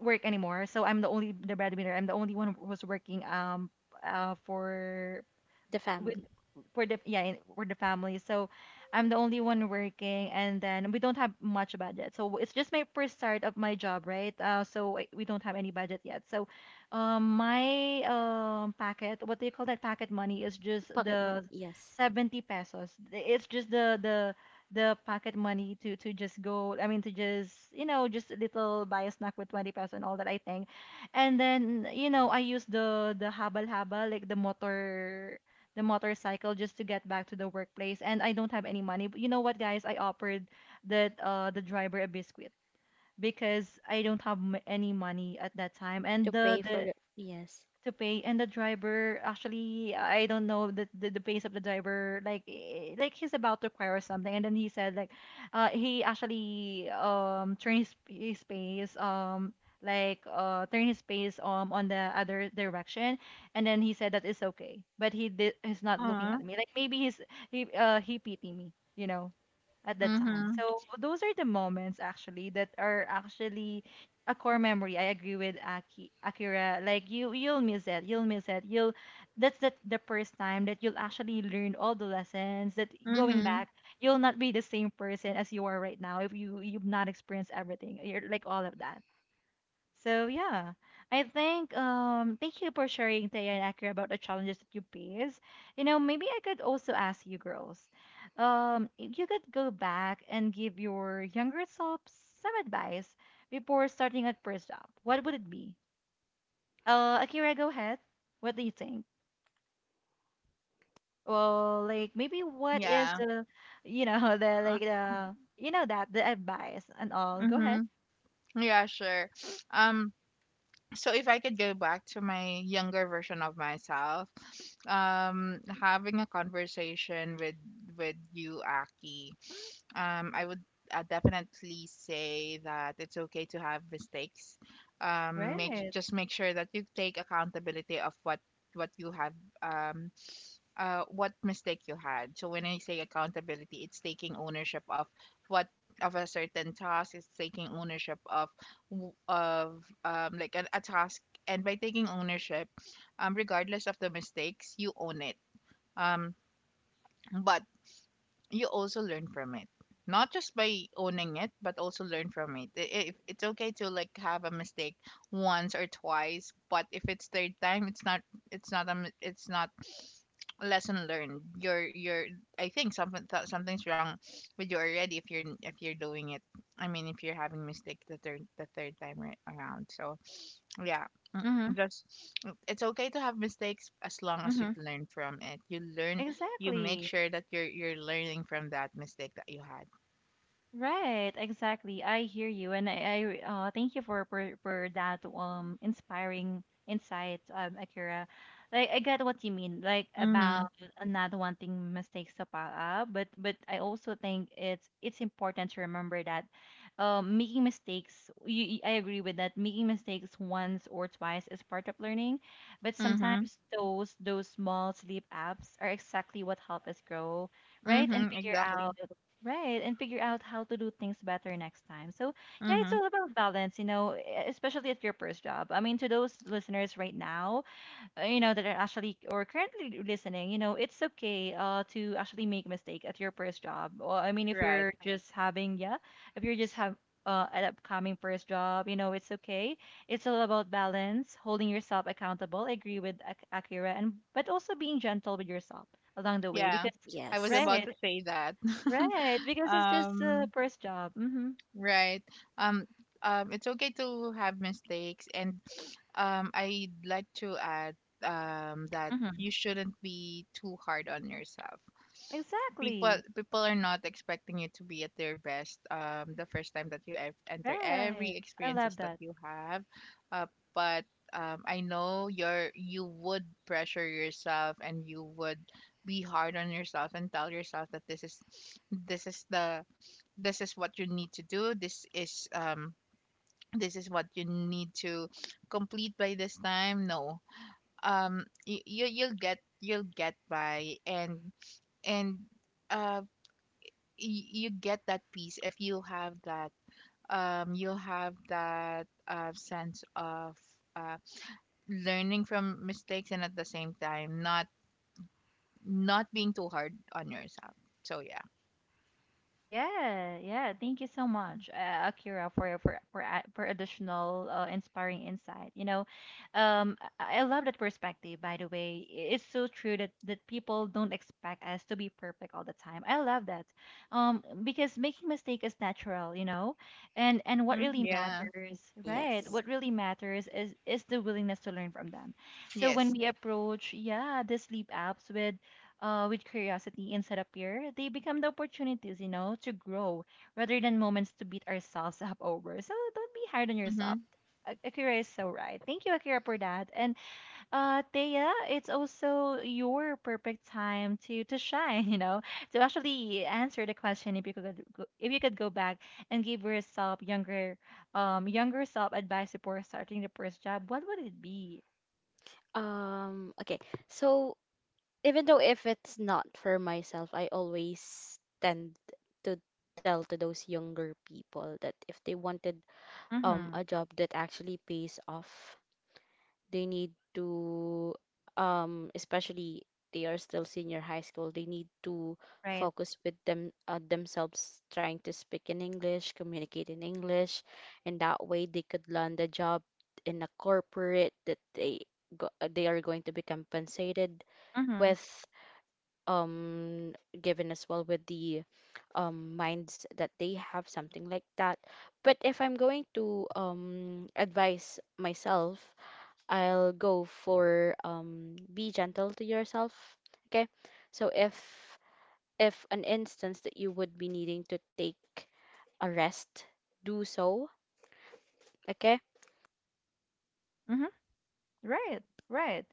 A: work anymore. So I'm the only the breadwinner. I'm the only one who was working for
C: The
A: with
C: family.
A: for the family, so I'm the only one working, and then we don't have much budget, so it's just my first start of my job, right? We don't have any budget yet, so my packet, what do you call that, packet money is just
C: Pocket
A: the
C: money. Yes.
A: 70 pesos. It's just the the packet money to just go, I mean, to just, just a little, buy a snack with 20 pesos and all that, I think. And then, I use the habal habal, like the motor, the motorcycle, just to get back to the workplace, and I don't have any money. But you know what, guys, I offered that the driver a biscuit, because I don't have any money at that time, and
C: To
A: the
C: pay for
A: the
C: the. Yes,
A: to pay. And the driver, actually, I don't know the pace of the driver, like like he's about to cry or something. And then he said like, he actually turned his pace, like turn his pace on the other direction. And then he said that it's okay, but he did, he's not looking
B: Uh-huh.
A: at me, like maybe he's, he pity me, you know, at that time.
B: Mhm.
A: So those are the moments, actually, that are actually a core memory. I agree with Akira. Like you, you'll miss it. You'll miss it. You'll. That's the first time that you'll actually learn all the lessons. That going
B: Mhm.
A: back, you'll not be the same person as you are right now if you you've not experienced everything. You're like all of that. So yeah, I think thank you for sharing, Taya and Akira, about the challenges that you face. You know, maybe I could also ask you girls, if you could go back and give your younger self some advice before starting at first job, what would it be? Akira, go ahead. What do you think? Well, like maybe what is
B: Yeah.
A: the, you know, the
B: Uh,
A: like the, you know, that the advice and all. Go ahead.
B: mhm. Yeah, sure. Um so if I could go back to my younger version of myself, having a conversation with you Aki, I would definitely say that it's okay to have mistakes. Make,
A: Right.
B: just make sure that you take accountability of what you have um what mistake you had. So when I say accountability, it's taking ownership of what of a certain task. It's taking ownership of like a task. And by taking ownership, regardless of the mistakes, you own it. Um, but you also learn from it, not just by owning it, but also learn from it. If it's okay to like have a mistake once or twice, but if it's third time, it's not it's not lesson learned. You're, I think, something's wrong with you already if you're doing it, I mean if you're having mistake the third time right around. So yeah. Mm.
A: Mm-hmm.
B: Just, it's okay to have mistakes as long as you
A: Mm-hmm.
B: learn from it. You learn, you make
A: Exactly.
B: sure that you're learning from that mistake that you had.
A: Right, exactly. I hear you, and I thank you for, for that inspiring insight, Akira. Like I get what you mean, like about
B: Mhm.
A: not wanting mistakes to pile up, but I also think it's important to remember that, making mistakes. I agree with that. Making mistakes once or twice is part of learning, but
B: Mhm.
A: sometimes those small sleep apps are exactly what help us grow, right, and
B: Mhm.
A: figure
B: Exactly.
A: out. Right, and figure out how to do things better next time. So, yeah, it's
B: Mhm.
A: all about balance, you know, especially at your first job. I mean, to those listeners right now, you know, that are actually or currently listening, you know, it's okay to actually make mistake at your first job. Or I mean, if
B: Right.
A: you're just having, yeah, if you're just have an upcoming first job, you know, it's okay. It's all about balance, holding yourself accountable. I agree with Akira, and but also being gentle with yourself along the way,
B: Yeah.
A: because
B: I was
C: yes,
B: about
A: right.
B: to say that.
A: Right, because it's just the
B: um.
A: first job. Mm-hmm.
B: Right. Um. It's okay to have mistakes, and I'd like to add that
A: Mm-hmm.
B: you shouldn't be too hard on yourself.
A: Exactly.
B: People are not expecting you to be at their best the first time that you enter
A: Right.
B: every
A: I
B: experiences
A: love
B: that
A: that.
B: you have. Uh, but I know you would pressure yourself, and you would be hard on yourself, and tell yourself that this is the this is what you need to do. This is what you need to complete by this time. No. You you'll get by. And and uh you get that peace if you have that you'll have that sense of uh, learning from mistakes, and at the same time not being too hard on yourself. So yeah.
A: Yeah, yeah. Thank you so much, Akira, for for additional inspiring insight. You know, I love that perspective. By the way, I- it's so true that people don't expect us to be perfect all the time. I love that, because making mistake is natural. You know, and what
B: Hmm.
A: really
B: Yeah.
A: matters, right?
C: yes.
A: What really matters is the willingness to learn from them. So when
B: Yes.
A: we approach, yeah, the sleep apps with curiosity instead of fear, they become the opportunities, you know, to grow rather than moments to beat ourselves up over. So don't be hard on yourself.
B: Mm-hmm.
A: Akira is so right. Thank you, Akira, for that. And Thea, it's also your perfect time to shine. You know, to actually answer the question, if you could go, if you could go back and give yourself younger younger self advice before starting the first job, what would it be?
C: Okay. So, even though if it's not for myself, I always tend to tell to those younger people that if they wanted
A: Mm-hmm.
C: a job that actually pays off, they need to especially they are still senior high school, they need to
A: Right.
C: focus with themselves trying to speak in English, communicate in English, and that way they could land a job in a corporate that they go, they are going to be compensated
A: Mm-hmm.
C: with um given as well with the minds that they have, something like that. But if I'm going to advise myself, I'll go for be gentle to yourself. Okay? So if an instance that you would be needing to take a rest, do so. Okay?
A: Mm-hmm. Right. Right.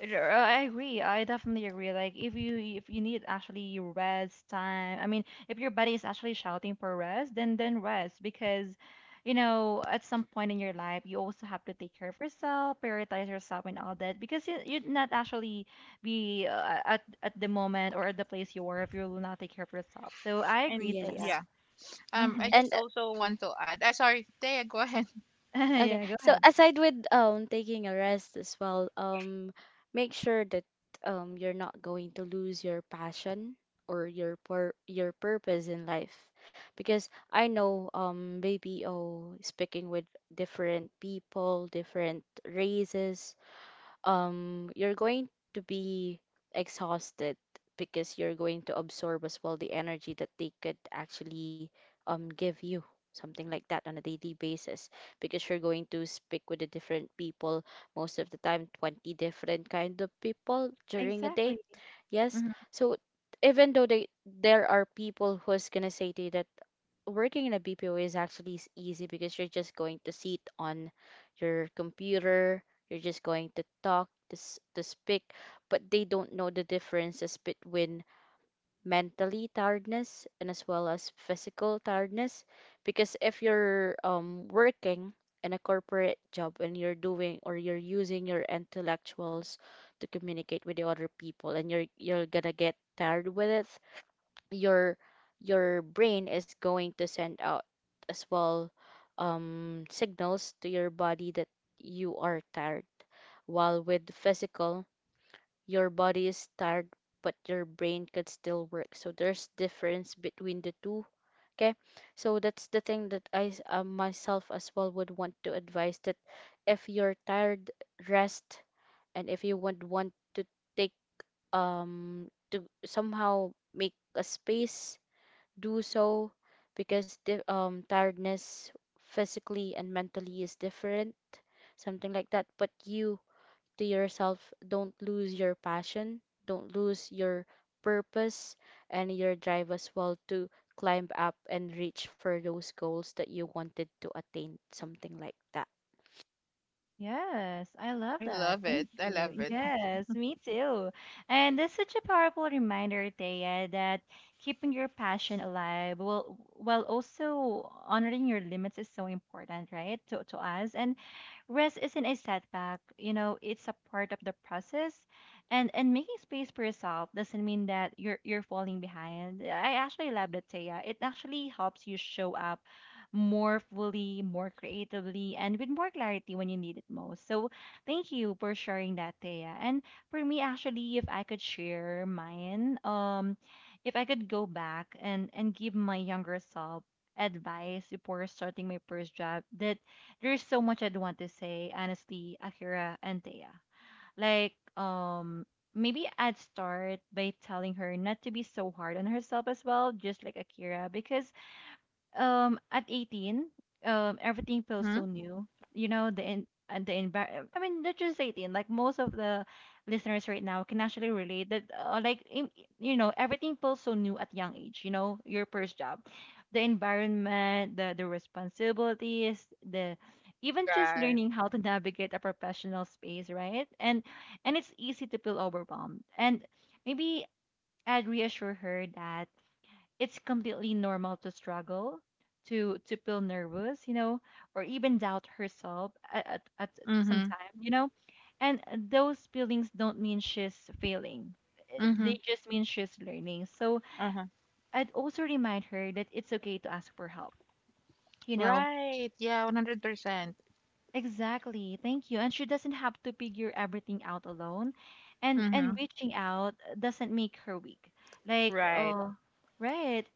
A: R- I agree. I definitely agree. Like if you need actually rest time, I mean, if your body is actually shouting for rest, then rest because you know, at some point in your life, you also have to take care of yourself, prioritize yourself and all that, because you'd not actually be at the moment or at the place you are if you will not take care of yourself. So I agree,
B: And
A: Thea.
C: Yes.
B: yeah,
A: Mm-hmm.
B: I
C: And
B: just also want to add, sorry Thea, go ahead.
C: okay.
A: Yeah, go
C: So
A: ahead.
C: aside with taking a rest as well, make sure that you're not going to lose your passion or your pur your purpose in life. Because I know BPO speaking with different people, different races, you're going to be exhausted because you're going to absorb as well the energy that they could actually give you something like that on a daily basis, because you're going to speak with the different people most of the time, 20 different kind of people during a day.
A: Exactly.
C: Yes. So even though they, there are people who's gonna say to you that working in a BPO is actually easy because you're just going to sit on your computer, you're just going to talk, to speak, but they don't know the differences between mentally tiredness and as well as physical tiredness. Because if you're working in a corporate job and you're doing or you're using your intellectuals to communicate with the other people, and you're gonna get tired with it, your your brain is going to send out as well signals to your body that you are tired. While with physical, your body is tired, but your brain could still work. So there's difference between the two. Okay, so that's the thing that myself as well would want to advise that if you're tired, rest, and if you would want to take to somehow make a space, do so, because the tiredness physically and mentally is different, something like that. But you, to yourself, don't lose your passion, don't lose your purpose and your drive as well to climb up and reach for those goals that you wanted to attain, something like that.
A: Yes, I love
B: I
A: that.
B: love
A: Thank
B: it, I love
A: you.
B: it.
A: Yes, me too. And that's such a powerful reminder, Thea, that keeping your passion alive while also honoring your limits is so important, right? To us. And rest isn't a setback, you know, it's a part of the process. And making space for yourself doesn't mean that you're falling behind. I actually love that, Thea. It actually helps you show up more fully, more creatively, and with more clarity when you need it most. So, thank you for sharing that, Thea. And for me, actually, if I could share mine, if I could go back and give my younger self advice before starting my first job, that there's so much I'd want to say, honestly, Akira and Thea. Like. Maybe I'd start by telling her not to be so hard on herself as well, just like Akira, because at 18, everything feels
B: Mm-hmm.
A: so new, you know, the in and the environment. I mean, not just 18, like most of the listeners right now can actually relate that like you know, everything feels so new at young age. You know, your first job, the environment, the responsibilities, the even just
B: Right.
A: learning how to navigate a professional space, right? And it's easy to feel overwhelmed, and maybe I'd reassure her that it's completely normal to struggle, to feel nervous, you know, or even doubt herself at, at some
B: Mm-hmm.
A: time, you know. And those feelings don't mean she's failing.
B: Mm-hmm.
A: They just mean she's learning. So
B: Uh-huh.
A: I'd also remind her that it's okay to ask for help, you know.
B: Right, yeah, 100%.
A: Exactly. Thank you. And she doesn't have to figure everything out alone. And
B: Mm-hmm.
A: reaching out doesn't make her weak. Like,
B: Right.
A: oh, right.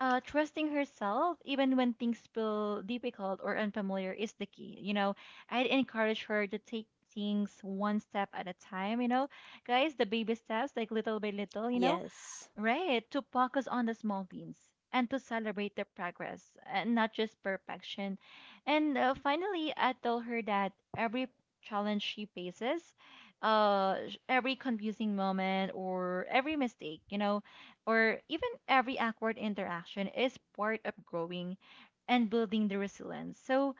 A: Trusting herself even when things feel difficult or unfamiliar is the key. You know, I'd encourage her to take things one step at a time, you know. Guys, the baby steps, like little by little, you know.
C: Yes.
A: Right, to focus on the small wins and to celebrate the progress, and not just perfection. And finally, I told her that every challenge she faces, every confusing moment or every mistake, you know, or even every awkward interaction is part of growing and building the resilience. So,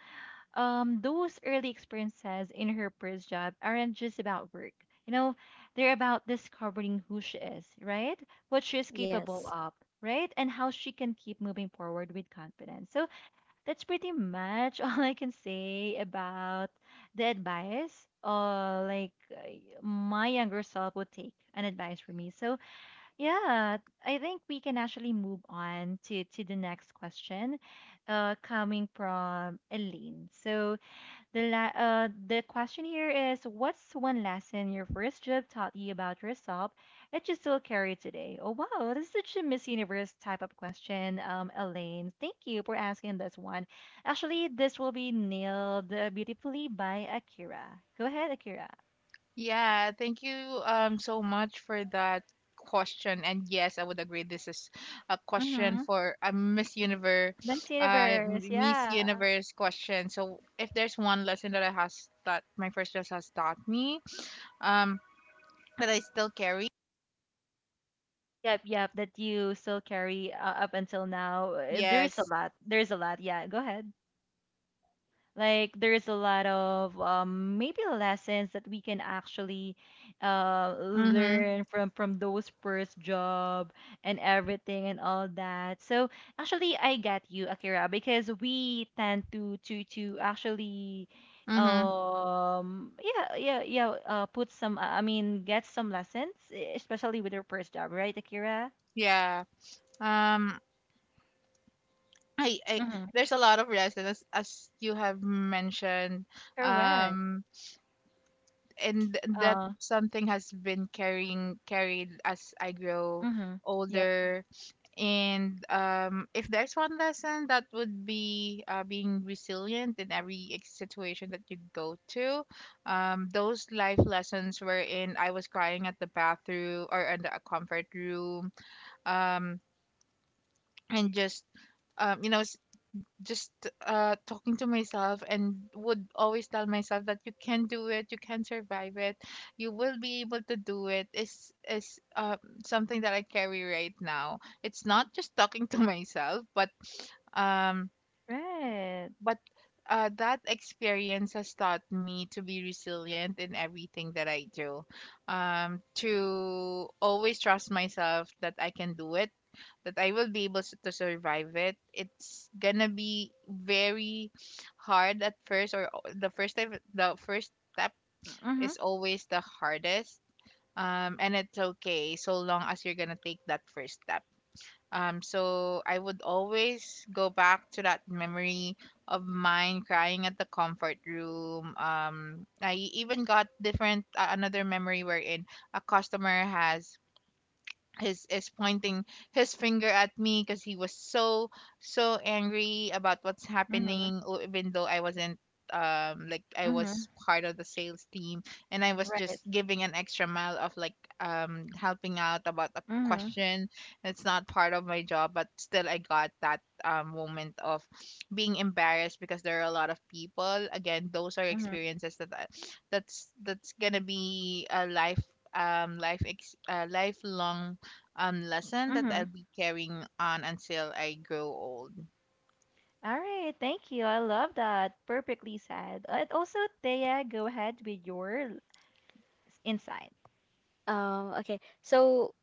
A: those early experiences in her first job aren't just about work. You know, they're about discovering who she is, right? What she is capable
C: Yes.
A: of, right? And how she can keep moving forward with confidence. So that's pretty much all I can say about the advice. Like my younger self would take an advice from me. So yeah, I think we can actually move on to the next question, coming from Elaine. So the question here is, what's one lesson your first job taught you about yourself that you still carry today? Oh wow, this is such a Miss Universe type of question, Elaine. Thank you for asking this one. Actually, this will be nailed beautifully by Akira. Go ahead, Akira.
B: Yeah, thank you so much for that question. And yes, I would agree, this is a question
A: Mm-hmm.
B: for a Miss Universe
A: Miss Universe,
B: Miss
A: yeah.
B: Universe question. So if there's one lesson that I has that my first class has taught me, um that I still carry.
A: Yep, yep, that you still carry up until now. There's a
B: Yes.
A: lot. There's a lot. Yeah, go ahead. Like there's a lot of maybe lessons that we can actually
B: Mm-hmm.
A: learn from those first job and everything and all that. So actually, I get you, Akira, because we tend to actually
B: Mm-hmm.
A: yeah put some, I mean, get some lessons, especially with your first job, right, Akira?
B: Yeah. Um I
A: Mm-hmm.
B: There's a lot of lessons, as you have mentioned.
A: Correct.
B: Um that
A: Uh,
B: something has been carrying carried as I grow
A: mm-hmm. Yep.
B: older. And if there's one lesson, that would be being resilient in every situation that you go to. Those life lessons wherein I was crying at the bathroom or in the comfort room, um, and just um, you know, s- just talking to myself, and would always tell myself that you can do it, you can survive it, you will be able to do it, is something that I carry right now. It's not just talking to myself, but um
A: Right.
B: but that experience has taught me to be resilient in everything that I do. To always trust myself that I can do it, that I will be able s- to survive it. It's gonna be very hard at first, or the first time. The first step
A: Mm-hmm.
B: is always the hardest. And it's okay so long as you're gonna take that first step. So I would always go back to that memory of mine crying at the comfort room. I even got different, another memory wherein a customer has is pointing his finger at me because he was so angry about what's happening. Even though I wasn't like I was
A: Mm-hmm.
B: part of the sales team, and I was just
A: Right.
B: giving an extra mile of like helping out about a
A: Mhm.
B: question that's not part of my job. But still I got that moment of being embarrassed because there are a lot of people. Again, those are
A: Mhm.
B: experiences that's gonna be a life lifelong lesson that I'll
A: Mhm.
B: be carrying on until I grow old.
A: All right. Thank you. I love that. Perfectly said. And also, Thea, go ahead with your insight.
C: Okay. So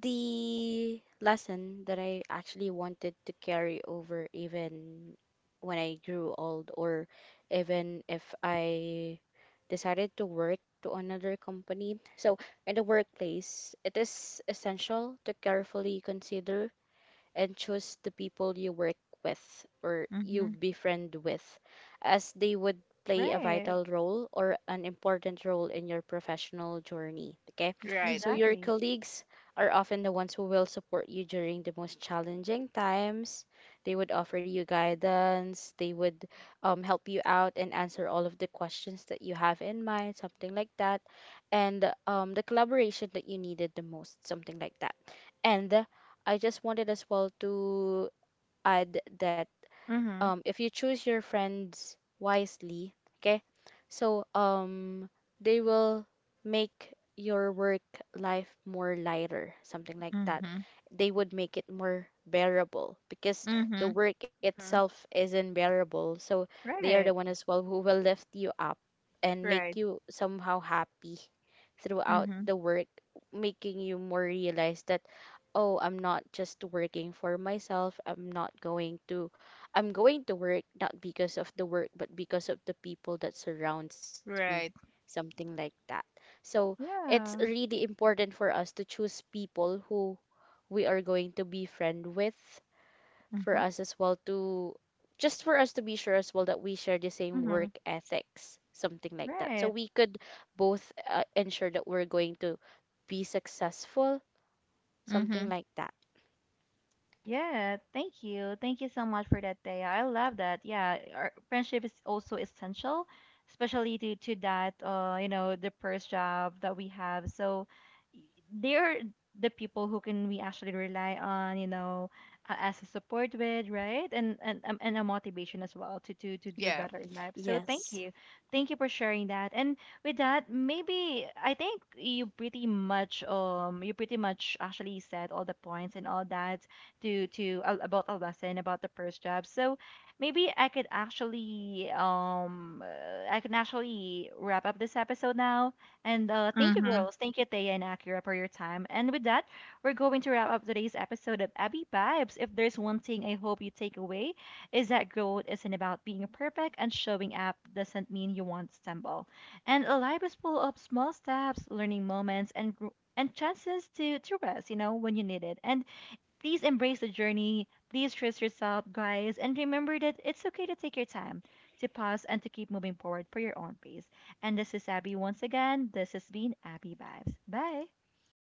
C: the lesson that I actually wanted to carry over even when I grew old, or even if I decided to work to another company. So in the workplace, it is essential to carefully consider and choose the people you work with or you
B: Mhm.
C: befriend with, as they would play a
A: Right.
C: vital role or an important role in your professional journey. Okay,
B: Right.
C: so your
A: Exactly.
C: colleagues are often the ones who will support you during the most challenging times. They would offer you guidance, they would help you out and answer all of the questions that you have in mind, something like that, and the collaboration that you needed the most, something like that. And I just wanted as well to add that
A: Mhm.
C: if you choose your friends wisely, okay? So they will make your work life more lighter, something like that.
B: Mhm.
C: They would make it more bearable because the
B: Mhm.
C: work
A: Mhm.
C: itself isn't bearable. So they are the
A: Right.
C: one as well who will lift you up and make
B: Right.
C: you somehow happy throughout
B: Mhm.
C: the work, making you more realize that, oh, I'm not just working for myself. I'm going to work not because of the work, but because of the people that surrounds me,
B: Right.
C: something like that. So it's
A: Yeah.
C: really important for us to choose people who we are going to be friend with, for
B: Mhm.
C: us as well to, just for us to be sure as well that we share the same work
A: Mhm.
C: ethics, something like that. So
A: Right.
C: we could both ensure that we're going to be successful,
B: Mhm.
C: something like that.
A: Yeah, thank you. Thank you so much for that day. I love that. Yeah, our friendship is also essential, especially due to that you know, the first job that we have. So y- they're the people who can we actually rely on, you know, as a support with, right? And and a motivation as well to to do
B: Yeah.
A: better in life.
C: Yes.
A: So thank you. Thank you for sharing that. And with that, maybe I think you pretty much actually said all the points and all that to about a lesson about the first job. So maybe I could actually I can actually wrap up this episode now. And thank you,
B: Mhm.
A: girls. Thank you, Thea and Akira, for your time. And with that, we're going to wrap up today's episode of Abby Vibes. If there's one thing I hope you take away is that growth isn't about being perfect, and showing up doesn't mean you won't stumble. And life is full of small steps, learning moments, and and chances to rest, you know, when you need it. And please embrace the journey. Please trust yourself, guys. And remember that it's okay to take your time, to pause, and to keep moving forward for your own pace. And this is Abby once again. This has been Abby Vibes. Bye.